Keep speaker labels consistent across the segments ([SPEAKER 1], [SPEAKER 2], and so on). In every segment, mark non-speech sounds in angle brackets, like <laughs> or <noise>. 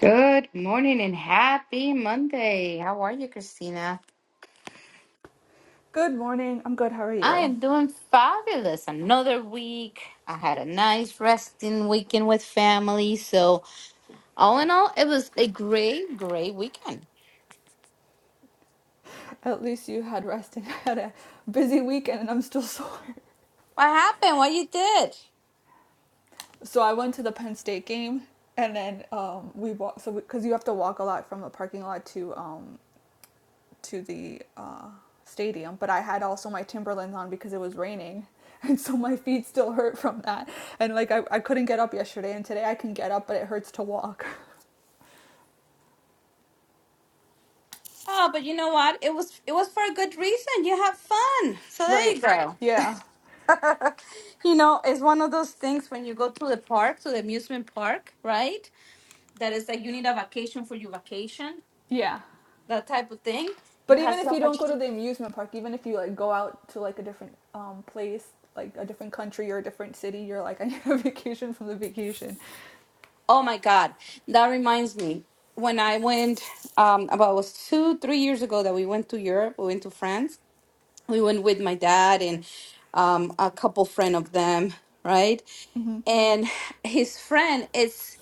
[SPEAKER 1] Good morning and happy Monday. How are you, Christina?
[SPEAKER 2] Good morning. I'm good. How are
[SPEAKER 1] I
[SPEAKER 2] you?
[SPEAKER 1] am doing fabulous. Another week. I had a nice resting weekend with family. So, all in all, it was a great, great weekend.
[SPEAKER 2] At least you had rest and <laughs> I had a busy weekend and I'm still sore.
[SPEAKER 1] What happened? What you did?
[SPEAKER 2] So I went to the Penn State game and then um, we walked so because you have to walk a lot from the parking lot to um, to the uh, stadium, but I had also my Timberlands on because it was raining. <laughs> And so my feet still hurt from that. And like I, I couldn't get up yesterday and today I can get up, but it hurts to walk. <laughs>
[SPEAKER 1] Oh, but you know what? It was it was for a good reason. You have fun. So there you
[SPEAKER 2] Right.
[SPEAKER 1] go.
[SPEAKER 2] Yeah.
[SPEAKER 1] <laughs> you know, it's one of those things when you go to the park, to the amusement park, right? That is like you need a vacation for your vacation
[SPEAKER 2] Yeah.
[SPEAKER 1] that type of thing. You
[SPEAKER 2] But
[SPEAKER 1] have
[SPEAKER 2] even if
[SPEAKER 1] so
[SPEAKER 2] you don't
[SPEAKER 1] much.
[SPEAKER 2] go to the amusement park, even if you like go out to like a different um place, like a different country or a different city, you're like, <laughs> I need a vacation from the vacation.
[SPEAKER 1] Oh my God, that reminds me when I went um, about it was two three years ago that we went to Europe. We went to France. We went with my dad and um, a couple friend of them, right?
[SPEAKER 2] hmm
[SPEAKER 1] And his friend is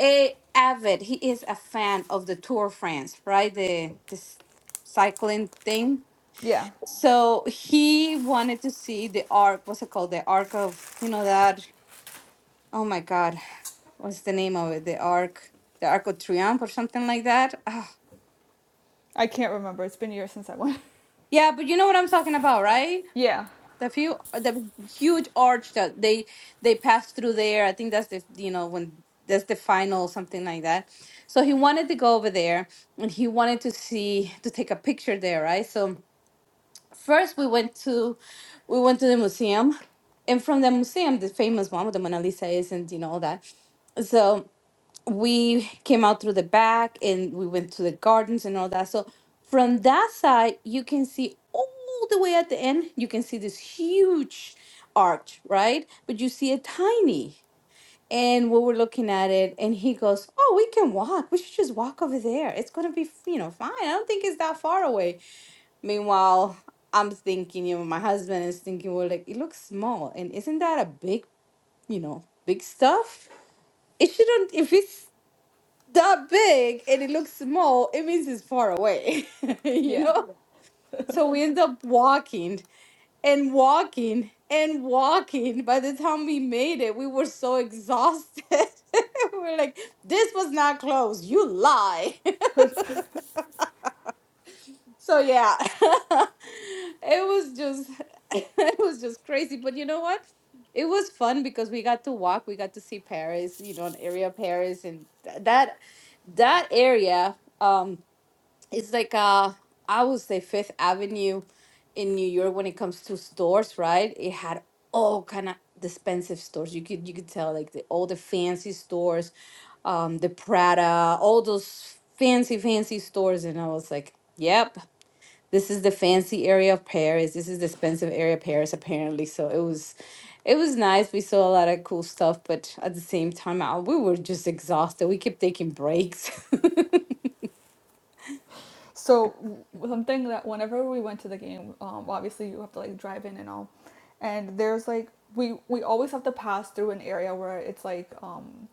[SPEAKER 1] a avid. He is a fan of the Tour of France, right? The this cycling thing.
[SPEAKER 2] Yeah,
[SPEAKER 1] So he wanted to see the arc. What's it called? The arc of you know that. Oh my God. what's the name of it? The Arc, the Arc of Triumph or something like that. Ah,
[SPEAKER 2] I can't remember. It's been years since I went.
[SPEAKER 1] yeah, but you know what I'm talking about, right?
[SPEAKER 2] Yeah,
[SPEAKER 1] The few, the huge arch that they they pass through there. I think that's the you know when that's the final something like that. So he wanted to go over there and he wanted to see to take a picture there, right? So first we went to we went to the museum, and from the museum, the famous one with the Mona Lisa is and you know all that. So we came out through the back and we went to the gardens and all that. So from that side, you can see all the way at the end, you can see this huge arch, right? But you see it tiny. And we were looking at it, and he goes, Oh, we can walk. We should just walk over there. It's going to be, you know, fine. I don't think it's that far away. Meanwhile, I'm thinking, you know, my husband is thinking, Well, like, it looks small. And isn't that a big, you know, big stuff? It shouldn't, if it's that big and it looks small, it means it's far away, <laughs> you
[SPEAKER 2] yeah.
[SPEAKER 1] know? Yeah. So we end up walking and walking and walking. By the time we made it, we were so exhausted. <laughs> We we're like, this was not close. You lie.
[SPEAKER 2] <laughs>
[SPEAKER 1] <laughs> so yeah, <laughs> it was just, <laughs> it was just crazy. But you know what? It was fun because we got to walk. We got to see Paris, you know, an area of Paris, and th- that that area. Um, it's like uh I would say Fifth Avenue in New York when it comes to stores, right? It had all kind of expensive stores. You could you could tell like the all the fancy stores, um, the Prada, all those fancy, fancy stores, and I was like, Yep, this is the fancy area of Paris. This is the expensive area of Paris, apparently. So it was it was nice. We saw a lot of cool stuff, but at the same time, I, we were just exhausted. We kept taking breaks. <laughs>
[SPEAKER 2] So something that whenever we went to the game, um, obviously you have to like drive in and all, and there's like we we always have to pass through an area where it's like um,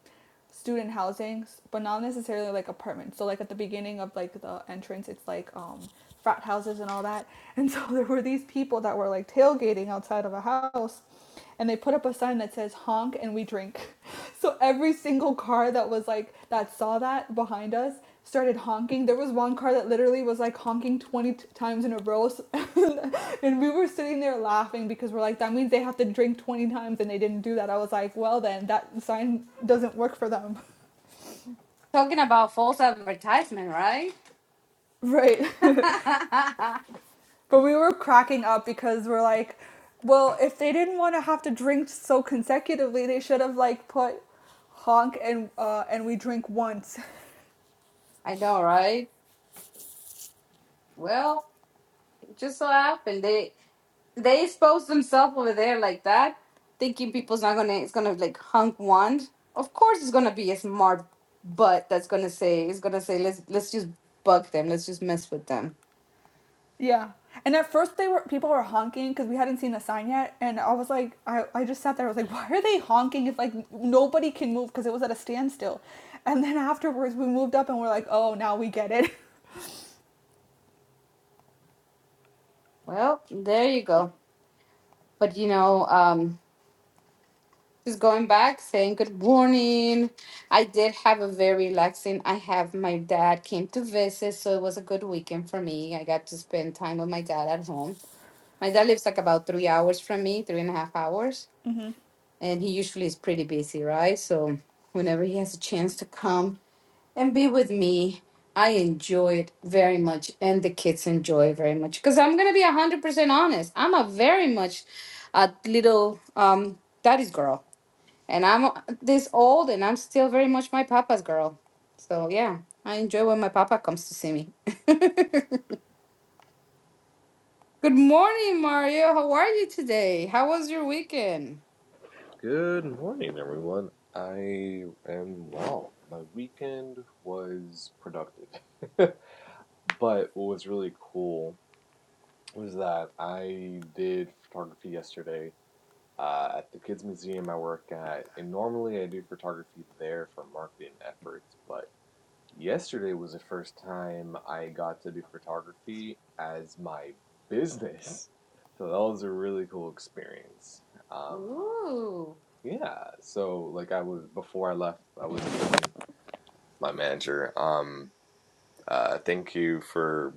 [SPEAKER 2] student housing, but not necessarily like apartments. So like at the beginning of like the entrance, it's like um, frat houses and all that. <laughs> And so there were these people that were like tailgating outside of a house, and they put up a sign that says honk and we drink. So every single car that was like that saw that behind us started honking. There was one car that literally was like honking 20 times in a row. <laughs> and we were sitting there laughing because we're like that means they have to drink 20 times and they didn't do that. I was like, well then that sign doesn't work for them.
[SPEAKER 1] Talking about false advertisement, right?
[SPEAKER 2] Right. <laughs>
[SPEAKER 1] <laughs>
[SPEAKER 2] but
[SPEAKER 1] I
[SPEAKER 2] we were cracking up because we're like, well, if they didn't want to have to drink so consecutively, they should have like put honk and uh, and we drink once <laughs>
[SPEAKER 1] know, right? Well, it just so happened they they exposed themselves over there like that, thinking people's not gonna it's gonna like hunk wand. Of course, it's gonna be a smart butt that's gonna say it's gonna say let's let's just bug them, let's just mess with them.
[SPEAKER 2] Yeah. And at first they were people were honking because we hadn't seen the sign yet, and I was like, I, I just sat there. I was like, <laughs> why are they honking if like nobody can move because it was at a standstill? And then afterwards we moved up and we're like, oh, now we get it. <laughs>
[SPEAKER 1] Well, there you go. But you know, um, Just going back, saying good morning. I did have a very relaxing. I have my dad came to visit, so it was a good weekend for me. I got to spend time with my dad at home. My dad lives like about three hours from me, three and a half hours,
[SPEAKER 2] hmm
[SPEAKER 1] and he usually is pretty busy, right? So whenever he has a chance to come and be with me, I enjoy it very much, and the kids enjoy it very much. Because I'm gonna be hundred percent honest, I'm a very much a little um daddy's girl and I'm this old and I'm still very much my papa's girl. So yeah, I enjoy when my papa comes to see me. <laughs> Good morning, Mario. How are you today? How was your weekend?
[SPEAKER 3] Good morning, everyone. I am well. My weekend was productive, <laughs> but what was really cool was that I did photography yesterday uh, at the Kids Museum I work at, and normally I do photography there for marketing efforts, but yesterday was the first time I got to do photography as my business. So that was a really cool experience. Um,
[SPEAKER 1] Ooh.
[SPEAKER 3] Yeah, so like I was before I left, I was my manager. Um, uh, thank you for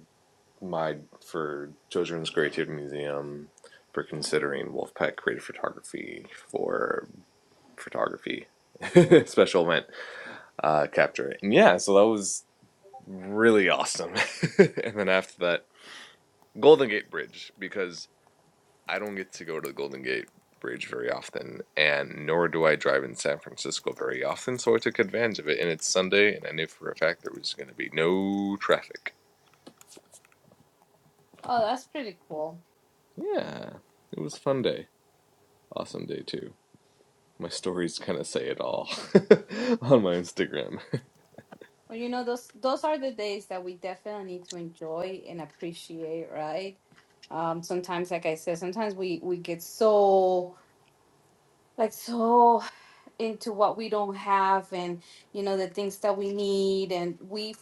[SPEAKER 3] my for Children's Creative Museum for considering Wolfpack Creative Photography for photography <laughs> special event uh, capture. And yeah, so that was really awesome. <laughs> and then after that, Golden Gate Bridge because I don't get to go to the Golden Gate Bridge very often, and nor do I drive in San Francisco very often. So I took advantage of it, and it's Sunday, and I knew for a fact there was going to be no traffic.
[SPEAKER 1] Oh, that's pretty cool.
[SPEAKER 3] Yeah, it was a fun day. Awesome day, too. My stories kind of say it all <laughs> on my Instagram.
[SPEAKER 1] Well, you know, those those are the days that we definitely need to enjoy and appreciate, right? Um, sometimes, like I said, sometimes we we get so like so into what we don't have and you know the things that we need and we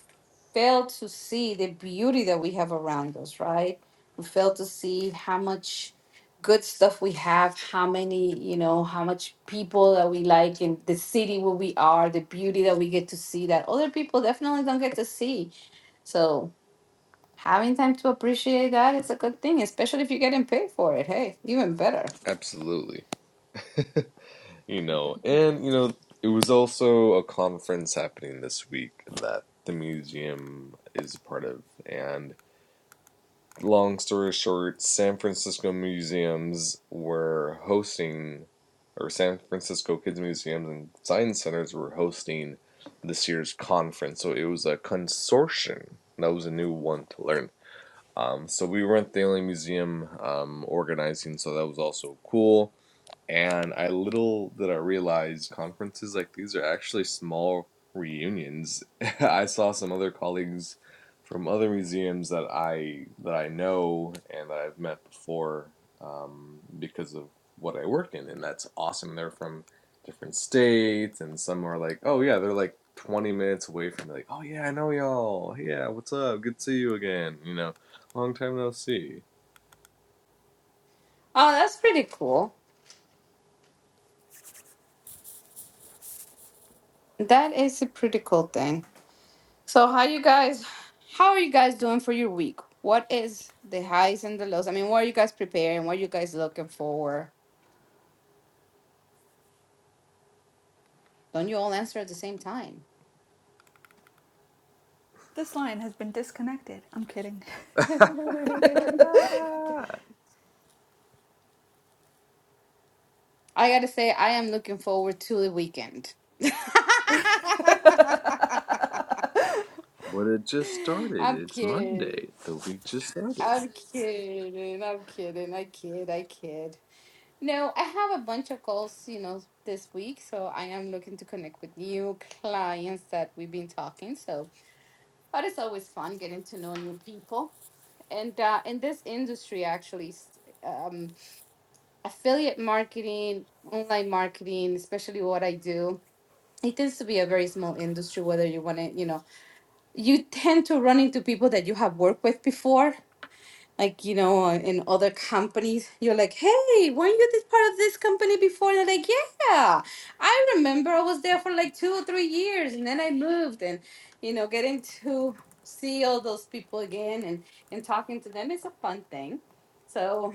[SPEAKER 1] fail to see the beauty that we have around us right we fail to see how much good stuff we have how many you know how much people that we like in the city where we are the beauty that we get to see that other people definitely don't get to see so having time to appreciate that is a good thing especially if you're getting paid for it hey even better
[SPEAKER 3] Absolutely. <laughs> you know, and, you know, it was also a conference happening this week that the museum is a part of, and long story short, San Francisco museums were hosting, or San Francisco Kids Museums and Science Centers were hosting this year's conference. So it was a consortium. That was a new one to learn. Um, so we weren't the only museum um, organizing, so that was also cool. And I little did I realize conferences like these are actually small reunions. <laughs> I saw some other colleagues from other museums that I that I know and that I've met before um, because of what I work in, and that's awesome. They're from different states, and some are like, oh yeah, they're like 20 minutes away from me. Like, oh yeah, I know y'all. Yeah, what's up? Good to see you again. You know, long time no see.
[SPEAKER 1] oh that's pretty cool that is a pretty cool thing So how you guys how are you guys doing for your week? What is the highs and the lows? I mean, what are you guys preparing? What are you guys looking for? Don't you all answer at the same time?
[SPEAKER 2] This line has been disconnected. I'm kidding.
[SPEAKER 1] <laughs> I
[SPEAKER 3] <laughs>
[SPEAKER 1] gotta say, I am looking forward to the weekend. <laughs>
[SPEAKER 3] But it just started.
[SPEAKER 1] I'm
[SPEAKER 3] It's
[SPEAKER 1] kidding.
[SPEAKER 3] Monday. The week just started.
[SPEAKER 1] I'm kidding. I'm kidding. I kid. I kid. No, I have a bunch of calls, you know, this week, so I am looking to connect with new clients that we've been talking. So But it's always fun getting to know new people. And uh, in this industry, actually, s- um, affiliate marketing, online marketing, especially what I do, it tends to be a very small industry. Whether you want to, you know, you tend to run into people that you have worked with before like you know in other companies you're like hey weren't you this part of this company before and they're like yeah i remember i was there for like two or three years and then i moved and you know getting to see all those people again and and talking to them is a fun thing so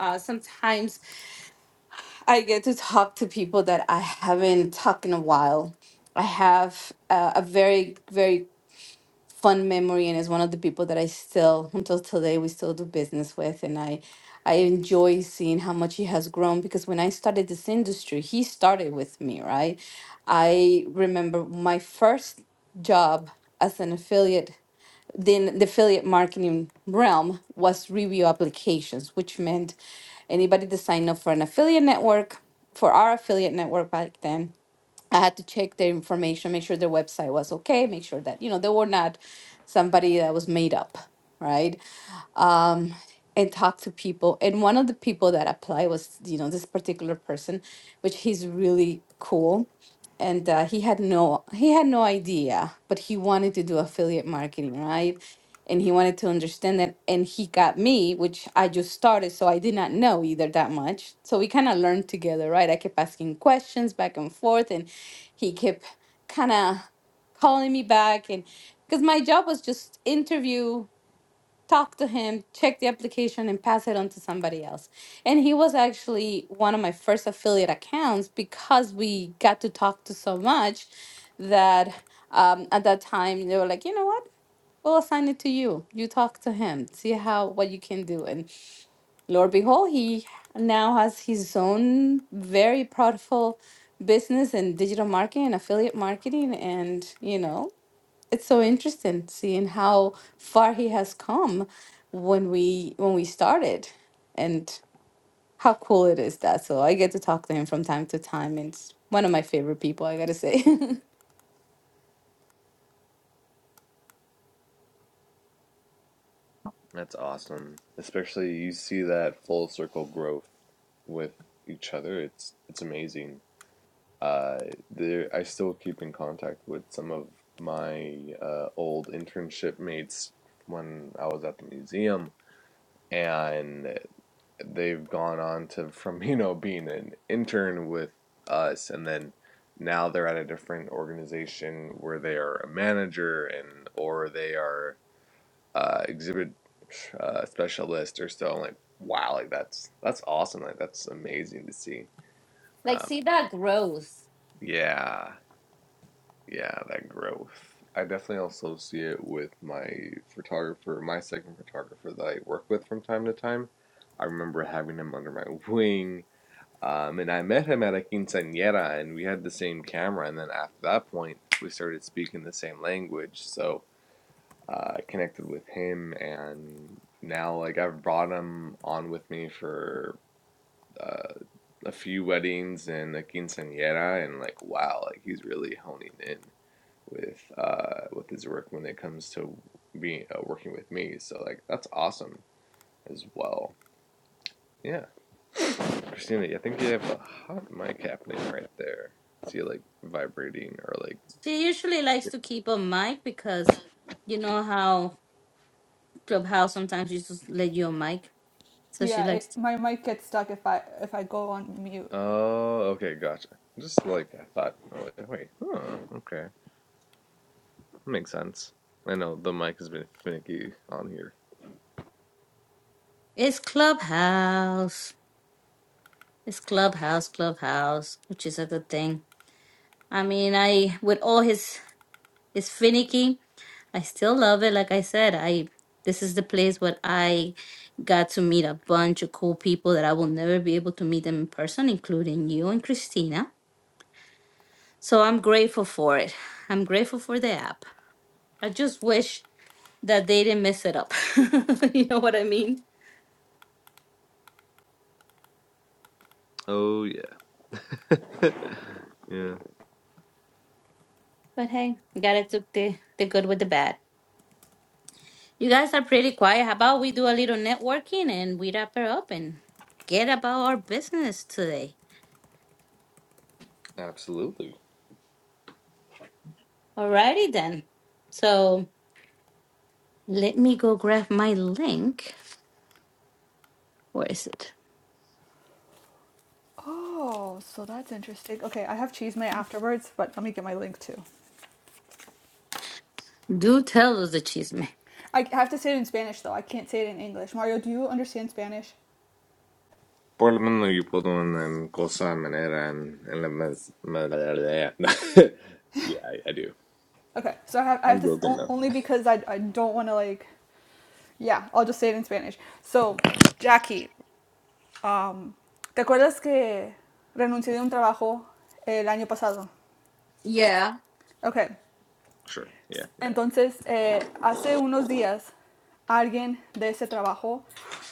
[SPEAKER 1] uh, sometimes i get to talk to people that i haven't talked in a while i have uh, a very very fun memory and is one of the people that I still until today we still do business with and I I enjoy seeing how much he has grown because when I started this industry he started with me right I remember my first job as an affiliate then the affiliate marketing realm was review applications which meant anybody that signed up for an affiliate network for our affiliate network back then I had to check their information, make sure their website was okay, make sure that, you know, they were not somebody that was made up, right? um, and talk to people. And one of the people that applied was, you know, this particular person, which he's really cool. And uh, he had no he had no idea, but he wanted to do affiliate marketing, right? And he wanted to understand that. And he got me, which I just started, so I did not know either that much. So we kind of learned together, right? I kept asking questions back and forth, and he kept kind of calling me back and because my job was just interview talk to him, check the application, and pass it on to somebody else. And he was actually one of my first affiliate accounts because we got to talk to so much that um, at that time they were like, you know what? We'll assign it to you. You talk to him, see how what you can do. And Lord behold, he now has his own very profitable business in digital marketing and affiliate marketing. And, you know, it's so interesting seeing how far he has come when we when we started and how cool it is that so i get to talk to him from time to time and it's one of my favorite people i gotta say <laughs>
[SPEAKER 3] That's awesome. Especially you see that full circle growth with each other. It's it's amazing. Uh, there I still keep in contact with some of my uh, old internship mates when I was at the museum, and they've gone on to from <laughs> you know being an intern with us and then now they're at a different organization where they are a manager and or they are uh, exhibit uh, specialist or so. I'm like, wow, like that's that's awesome. Like that's amazing to see. Um, yeah, yeah, that growth. I definitely also see it with my photographer, my second photographer that I work with from time to time. I remember having him under my <laughs> wing Um, and I met him at a quinceañera, and we had the same camera. And then after that point, we started speaking the same language. So uh, I connected with him, and now like I've brought him on with me for uh, a few weddings and a quinceañera, and like wow, like he's really honing in with uh, with his work when it comes to being uh, working with me. So like that's awesome as well. Yeah. Christina, I think you have a hot mic happening right there. I See it like vibrating or like
[SPEAKER 1] She likes to keep a mic because you know how Clubhouse sometimes you just let you a mic. So she
[SPEAKER 2] Yeah, it,
[SPEAKER 1] likes to,
[SPEAKER 2] my mic gets stuck if I if I go on mute.
[SPEAKER 3] oh okay, gotcha. Just like I thought oh, wait, huh, okay. Makes sense. I know the mic has been finicky on here.
[SPEAKER 1] it's Clubhouse. It's Clubhouse, Clubhouse, which is a good thing. I mean, I with all his his finicky. I still love it. Like I said, I this is the place where I got to meet a bunch of cool people that I will never be able to meet them in person, including you and Christina. So I'm grateful for it. I'm grateful for the app. I just wish that they didn't mess it up. <laughs> you know what I mean?
[SPEAKER 3] Oh yeah. <laughs> yeah.
[SPEAKER 1] But hey, you gotta take the, the good with the bad. You guys are pretty quiet. How about we do a little networking and we wrap it up and get about our business today?
[SPEAKER 3] Absolutely.
[SPEAKER 1] Alrighty then. So Let me go grab my link. Where is it?
[SPEAKER 2] Oh, so that's interesting. Okay, I have cheese may afterwards, but let me get my link too.
[SPEAKER 1] Do tell us the chisme.
[SPEAKER 2] I have to say it in Spanish though. I can't say it in English. Mario, do you understand Spanish?
[SPEAKER 3] Por lo menos yo puedo en cosa manera en, en la mes, <laughs> Yeah, I, I do.
[SPEAKER 2] Okay, so I have, I
[SPEAKER 3] I'm
[SPEAKER 2] have to,
[SPEAKER 3] broken now.
[SPEAKER 2] only because I, I don't want to like, yeah, I'll just say it in Spanish. So, Jackie, um, ¿te acuerdas que renuncié de un trabajo el año pasado?
[SPEAKER 1] Yeah.
[SPEAKER 2] Okay,
[SPEAKER 3] Sure. Yeah, yeah.
[SPEAKER 2] entonces, eh, hace unos días, alguien de ese trabajo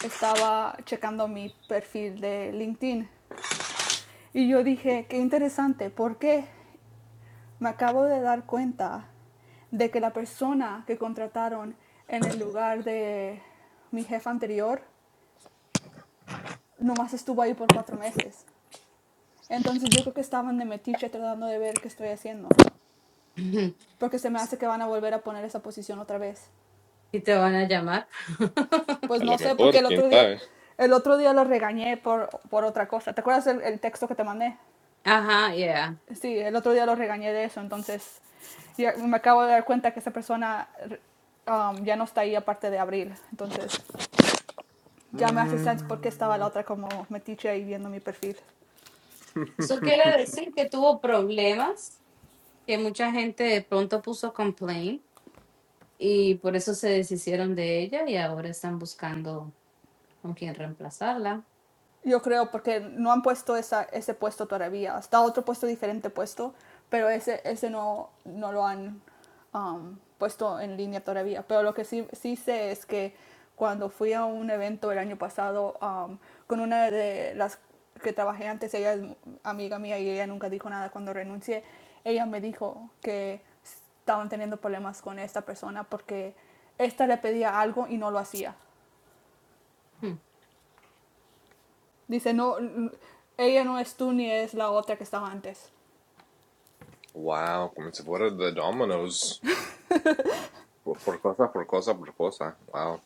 [SPEAKER 2] estaba checando mi perfil de LinkedIn y yo dije, qué interesante, ¿por qué? Me acabo de dar cuenta de que la persona que contrataron en el lugar de mi jefa anterior nomás estuvo ahí por cuatro meses. Entonces yo creo que estaban de metiche tratando de ver qué estoy haciendo.
[SPEAKER 1] <laughs>
[SPEAKER 2] Porque se me hace que van a volver a poner esa posición otra vez.
[SPEAKER 1] Y te van a llamar. <laughs>
[SPEAKER 2] Pues
[SPEAKER 3] A lo
[SPEAKER 2] no sé, porque
[SPEAKER 3] mejor,
[SPEAKER 2] el
[SPEAKER 3] quién
[SPEAKER 2] otro día,
[SPEAKER 3] sabe.
[SPEAKER 2] el otro día lo regañé por, por otra cosa. ¿Te acuerdas el, el texto que te mandé?
[SPEAKER 1] Ajá, yeah.
[SPEAKER 2] Sí, el otro día lo regañé de eso. Entonces ya me acabo de dar cuenta que esa persona um, ya no está ahí aparte de abril. Entonces ya me hace sense por qué estaba
[SPEAKER 3] Mm.
[SPEAKER 2] la otra como metiche ahí viendo mi perfil.
[SPEAKER 1] Eso
[SPEAKER 3] <laughs>
[SPEAKER 1] quiere decir que tuvo problemas, que mucha gente de pronto puso complaint y por eso se deshicieron de ella y ahora están buscando con quién reemplazarla.
[SPEAKER 2] Yo creo, porque no han puesto esa, ese puesto todavía. Está otro puesto, diferente puesto, pero ese, ese no, no lo han um, puesto en línea todavía. Pero lo que sí, sí sé es que cuando fui a un evento el año pasado um, con una de las que trabajé antes, ella es amiga mía y ella nunca dijo nada cuando renuncié, ella me dijo que estaban teniendo problemas con esta persona porque esta le pedía algo y no lo hacía.
[SPEAKER 1] Hmm.
[SPEAKER 2] Dice, no, ella no es tú ni es la otra que estaba antes.
[SPEAKER 3] Wow, come se fuera de Domino's. Pues Por cosa, por cosa, por cosa. Wow.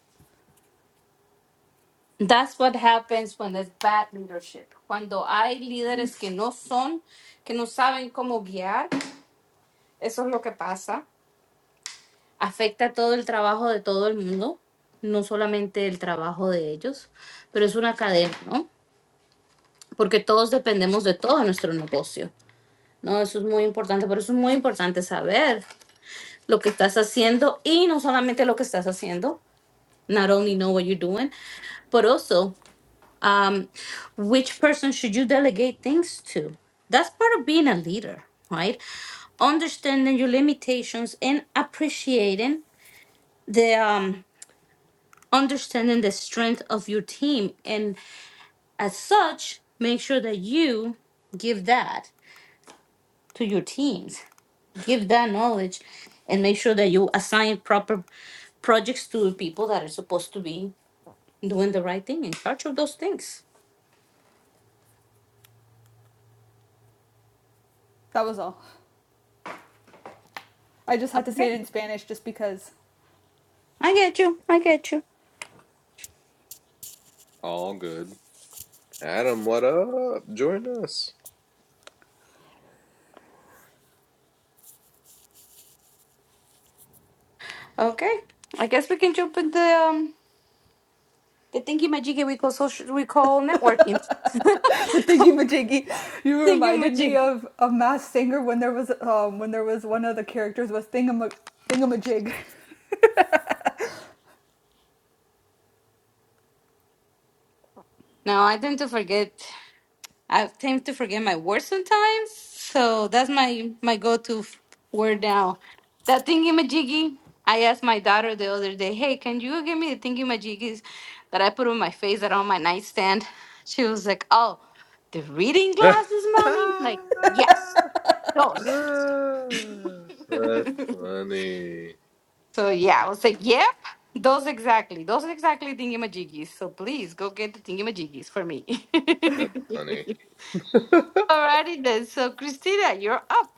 [SPEAKER 1] That's what happens when there's bad leadership. Cuando hay líderes que no son, que no saben cómo guiar, eso es lo que pasa. afecta todo el trabajo de todo el mundo, no solamente el trabajo de ellos, pero es una cadena, ¿no? Porque todos dependemos de todo nuestro negocio, ¿no? Eso es muy importante, por eso es muy importante saber lo que estás haciendo y no solamente lo que estás haciendo, not only know what you're doing, but also um, which person should you delegate things to? That's part of being a leader, right? Understanding your limitations and appreciating the, um. understanding the strength of your team and as such make sure that you give that to your teams give that knowledge and make sure that you assign proper projects to people that are supposed to be doing the right thing in charge of those things
[SPEAKER 2] That was all. I just had to
[SPEAKER 1] okay
[SPEAKER 2] say it in Spanish just because.
[SPEAKER 1] i get you i get you
[SPEAKER 3] All good. Adam, what up? Join us.
[SPEAKER 1] okay i guess we can jump in the um the thingy majiki we call social we call networking <laughs>
[SPEAKER 2] <laughs> Thinky Majiggy, you
[SPEAKER 1] thingy
[SPEAKER 2] reminded me
[SPEAKER 1] majiki
[SPEAKER 2] of a Masked singer when there was um when there was one of the characters was Thingama Thingamajig.
[SPEAKER 1] now i tend to forget I tend to forget my words sometimes, so that's my my go-to f- word now. That thingy majiggy. I asked my daughter the other day, "Hey, can you give me the thingy majiggies that I put on my face that are on my nightstand?" She was like, "Oh, the reading
[SPEAKER 3] <laughs> That's
[SPEAKER 1] glasses, mommy." Like, yes, those. <laughs>
[SPEAKER 3] funny.
[SPEAKER 1] so yeah, I was like, "Yep, those exactly. Those exactly thingy majiggies." So please go get the thingy majiggies for me.
[SPEAKER 3] That's funny.
[SPEAKER 1] <laughs>
[SPEAKER 3] <laughs>
[SPEAKER 1] Alrighty then. So Christina, you're up.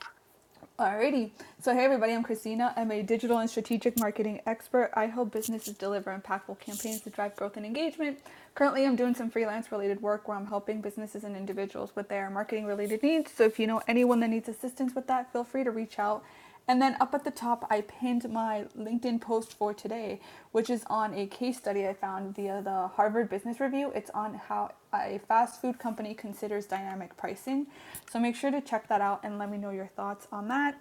[SPEAKER 2] Alrighty. So, hey everybody, I'm Christina. I'm a digital and strategic marketing expert. I help businesses deliver impactful campaigns to drive growth and engagement. Currently, I'm doing some freelance related work where I'm helping businesses and individuals with their marketing related needs. So, if you know anyone that needs assistance with that, feel free to reach out. And then up at the top, I pinned my LinkedIn post for today, which is on a case study I found via the Harvard Business Review. It's on how a fast food company considers dynamic pricing. So make sure to check that out and let me know your thoughts on that.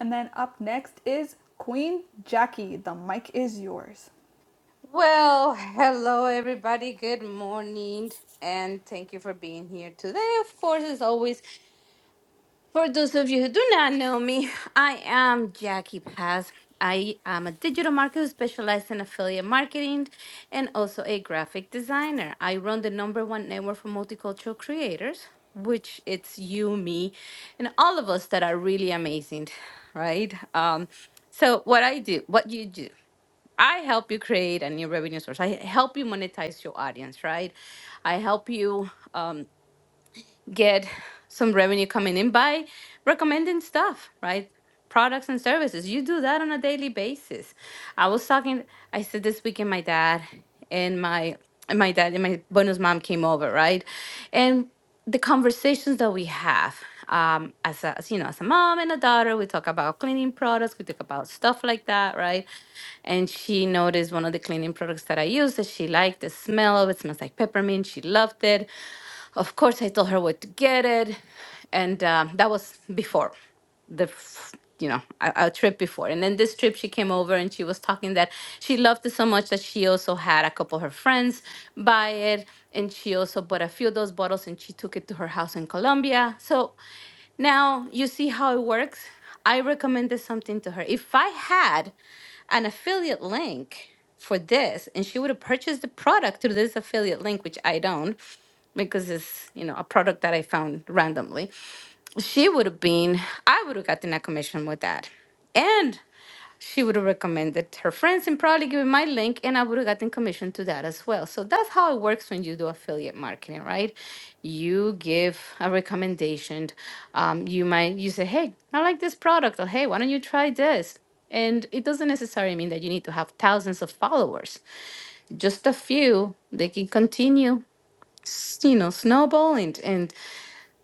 [SPEAKER 2] And then up next is Queen Jackie. The mic is yours.
[SPEAKER 1] Well, hello everybody. Good morning, and thank you for being here today. Of course, as always, for those of you who do not know me, <laughs> I am Jackie Paz. I am a digital marketer who specializes in affiliate marketing and also a graphic designer. I run the number one network for multicultural creators, which it's you, me, and all of us that are really amazing, right? Um, so what I do, what you do. I help you create a new revenue source. I help you monetize your audience, right? I help you um, get some revenue coming in by recommending stuff, right? Products and services. You do that on a daily basis. I was talking, I said this weekend, my dad and my and my dad and my bonus mom came over, right? And the conversations that we have um, as, a, as you know, as a mom and a daughter, we talk about cleaning products, we talk about stuff like that, right? and she noticed one of the cleaning products that I used that she liked the smell of. It smells like peppermint. She loved it. Of course, I told her where to get it, and um, that was before the f- you know a, a trip before. And then this trip, she came over and she was talking that she loved it so much that she also had a couple of her friends buy it, and she also bought a few of those bottles and she took it to her house in Colombia. So now you see how it works. I recommended something to her. If I had an affiliate link for this and she would have purchased the product through this affiliate link which i don't because it's you know a product that i found randomly she would have been i would have gotten a commission with that and she would have recommended her friends and probably given my link and i would have gotten commission to that as well so that's how it works when you do affiliate marketing right you give a recommendation um, you might you say hey i like this product or hey why don't you try this and it doesn't necessarily mean that you need to have thousands of followers just a few they can continue s- you know snowballing and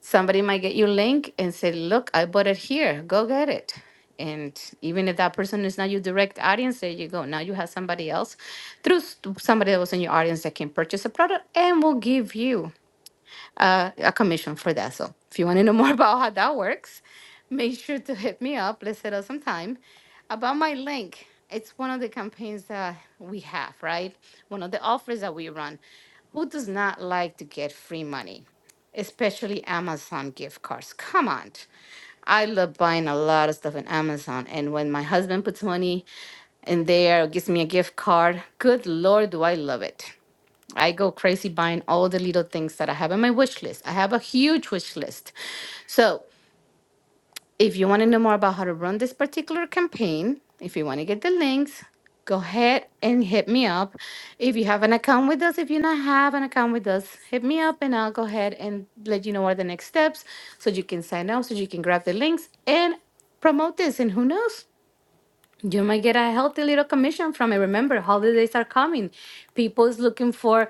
[SPEAKER 1] somebody might get you a link and say, look, I bought it here. Go get it. And even if that person is not your direct audience, there you go. Now you have somebody else through s- somebody that was in your audience that can purchase a product and will give you a a commission for that. So if you want to know more <laughs> about how that works, make sure to hit me up. Let's set up some time. About my link, it's one of the campaigns that we have, right? One of the offers that we run. Who does not like to get free money, especially Amazon gift cards? Come on. I love buying a lot of stuff on Amazon. And when my husband puts money in there, gives me a gift card, good Lord, do I love it. I go crazy buying all the little things that I have on my wish list. I have a huge wish list. So if you want to know more about how to run this particular campaign, if you want to get the links, go ahead and hit me up. If you have an account with us, if you not have an account with us, hit me up and I'll go ahead and let you know what are the next steps so you can sign up, so you can grab the links and promote this. And who knows? You might get a healthy little commission from it. Remember, holidays are coming. People is looking for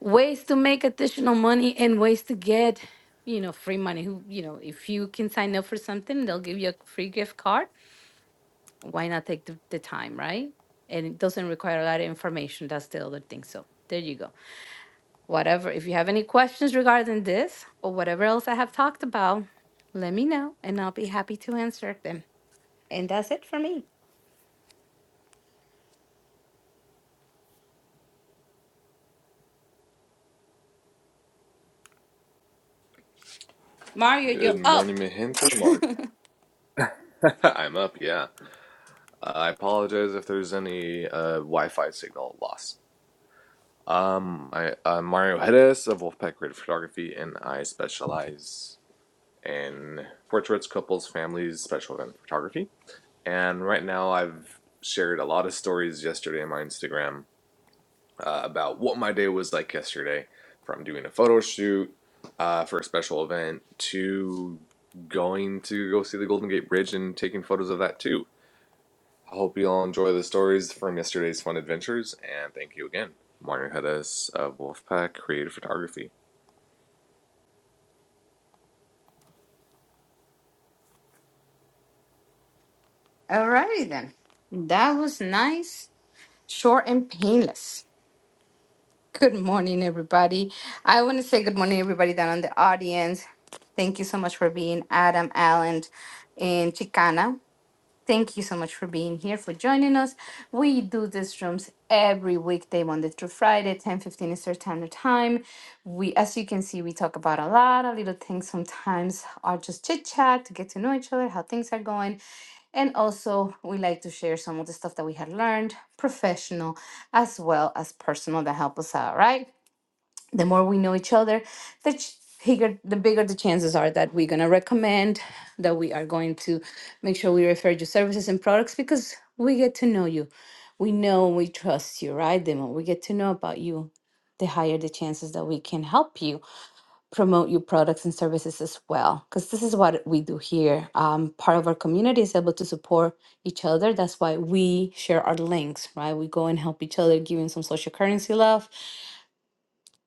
[SPEAKER 1] ways to make additional money and ways to get, you know, free money. Who, you know, if you can sign up for something, they'll give you a free gift card. Why not take the, the time, right? And it doesn't require a lot of information. That's the other thing. So there you go. Whatever. If you have any questions regarding this or whatever else I have talked about, let me know and I'll be happy to answer them. And that's it for me. Mario,
[SPEAKER 3] Good
[SPEAKER 1] you're up.
[SPEAKER 3] morning, mi gente. Mark. <laughs> I'm up, yeah. Uh, I apologize if there's any uh, Wi-Fi signal loss. Um, I, I'm Mario Hedges of Wolfpack Creative Photography, and I specialize in portraits, couples, families, special event photography. And right now, I've shared a lot of stories yesterday on my Instagram uh, about what my day was like yesterday from doing a photo shoot uh, for a special event to going to go see the Golden Gate Bridge and taking photos of that too. I hope you all enjoy the stories from yesterday's fun adventures, and thank you again. Mario Hedges of Wolfpack Creative Photography.
[SPEAKER 1] Alrighty then. That was nice, short, and painless. Good morning, everybody. I want to say good morning, everybody down in the audience. Thank you so much for being Adam, Allen, and Chicana. Thank you so much for being here, for joining us. We do these rooms every weekday, Monday through Friday, ten fifteen 15 Eastern Standard Time. We, as you can see, we talk about a lot of little things sometimes are just chit chat to get to know each other, how things are going. And also, we like to share some of the stuff that we had learned, professional as well as personal, that help us out, right? the more we know each other, the ch- bigger the bigger the chances are that we're gonna recommend, that we are going to make sure we refer you services and products because we get to know you. We know we trust you, right? The more we get to know about you, the higher the chances that we can help you promote your products and services as well. Because this is what we do here. Um, part of our community is able to support each other. That's why we share our links, right? We go and help each other, giving some social currency love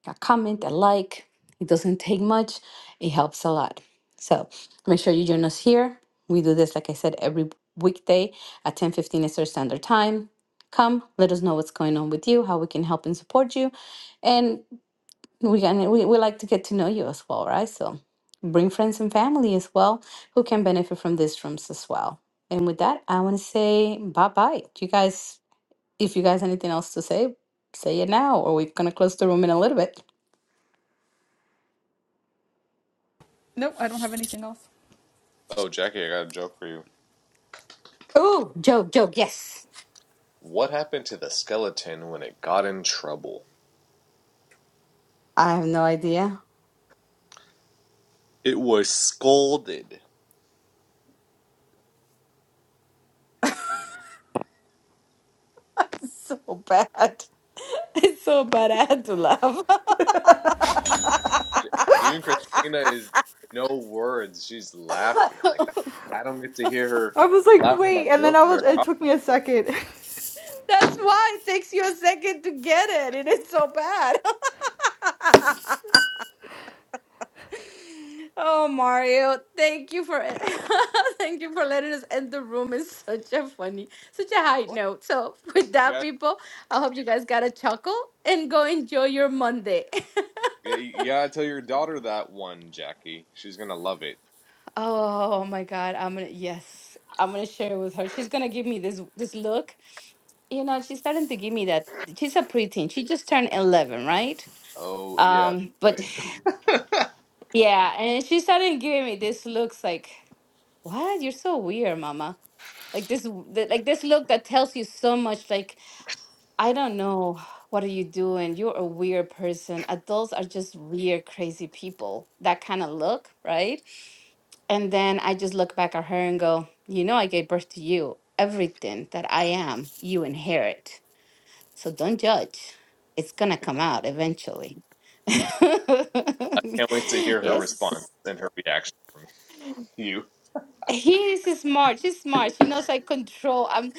[SPEAKER 1] a comment, a like. It doesn't take much, it helps a lot. So make sure you join us here. We do this, like I said, every weekday at 10:15 Eastern Standard Time. Come, let us know what's going on with you, how we can help and support you. And we, can, we, we like to get to know you as well, right? So bring friends and family as well who can benefit from these rooms as well. And with that, I want to say bye bye. You guys, if you guys anything else to say, say it now, or we're going to close the room in a little bit.
[SPEAKER 2] Nope, I don't have anything else.
[SPEAKER 3] Oh, Jackie, I got a joke for you.
[SPEAKER 1] Oh, joke, joke. Yes.
[SPEAKER 3] What happened to the skeleton when it got in trouble?
[SPEAKER 1] I have no idea.
[SPEAKER 3] It was scolded.
[SPEAKER 1] <laughs> So bad. <laughs> It's so bad. I had to laugh. <laughs>
[SPEAKER 3] Even Christina is no words. She's laughing. Like I don't get to hear her
[SPEAKER 2] I was like,
[SPEAKER 3] laugh at my
[SPEAKER 2] wait, and then
[SPEAKER 3] jokes
[SPEAKER 2] I
[SPEAKER 3] very
[SPEAKER 2] was. It
[SPEAKER 3] often.
[SPEAKER 2] took me a second.
[SPEAKER 1] That's why it takes you a second to get it. It is so bad. <laughs> oh, Mario, thank you for <laughs> thank you for letting us end the room. It's such a funny, such a high note. So, <laughs> with
[SPEAKER 3] You
[SPEAKER 1] that,
[SPEAKER 3] gotta,
[SPEAKER 1] people, I hope you guys got a chuckle and go enjoy your Monday. <laughs>
[SPEAKER 3] yeah, you gotta tell your daughter that one, Jackie. She's gonna love it.
[SPEAKER 1] Oh my God. I'm gonna, yes, I'm gonna share with her. She's gonna give me this this look. You know, she's starting to give me that. She's a preteen. She just turned 11, right?
[SPEAKER 3] Oh yeah,
[SPEAKER 1] Um, but
[SPEAKER 3] right. <laughs>
[SPEAKER 1] <sighs> <laughs> yeah, and she started giving me this looks like, what? You're so weird, mama. Like this, w- th- like this look that tells you so much. Like, I don't know, what are you doing? You're a weird person. Adults are just weird, crazy people. That kind of look, right? And then I just look back at her and go, You know, I gave birth to you. Everything that I am, you inherit. So don't judge. It's going to come out eventually. <laughs>
[SPEAKER 3] I can't wait to hear her response
[SPEAKER 1] yes.
[SPEAKER 3] and her reaction from you.
[SPEAKER 1] He is smart. She's smart. She knows I control. I'm.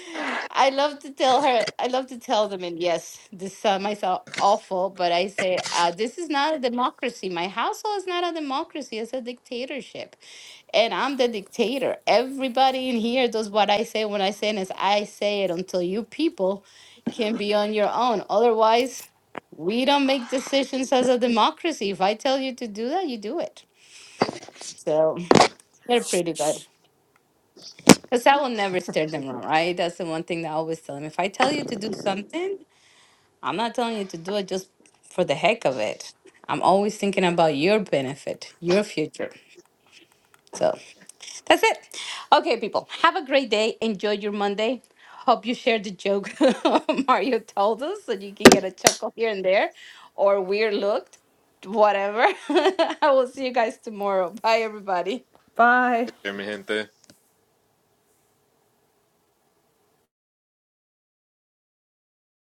[SPEAKER 1] I love to tell her. I love to tell them. And yes, this uh, might sound awful, but I say uh, this is not a democracy. My household is not a democracy. It's a dictatorship, and I'm the dictator. Everybody in here does what I say when I say it. Is I say it until you people can be on your own. Otherwise, we don't make decisions as a democracy. If I tell you to do that, you do it. So they're pretty good. Because I will never steer them wrong, right? That's the one thing that I always tell them. If I tell you to do something, I'm not telling you to do it just for the heck of it. I'm always thinking about your benefit, your future. So that's it. Okay, people, have a great day. Enjoy your Monday. Hope you shared the joke <laughs> Mario told us so you can get a chuckle here and there or weird looked, whatever. <laughs> I will see you guys tomorrow. Bye, everybody.
[SPEAKER 2] <laughs> Bye.
[SPEAKER 3] Jimmy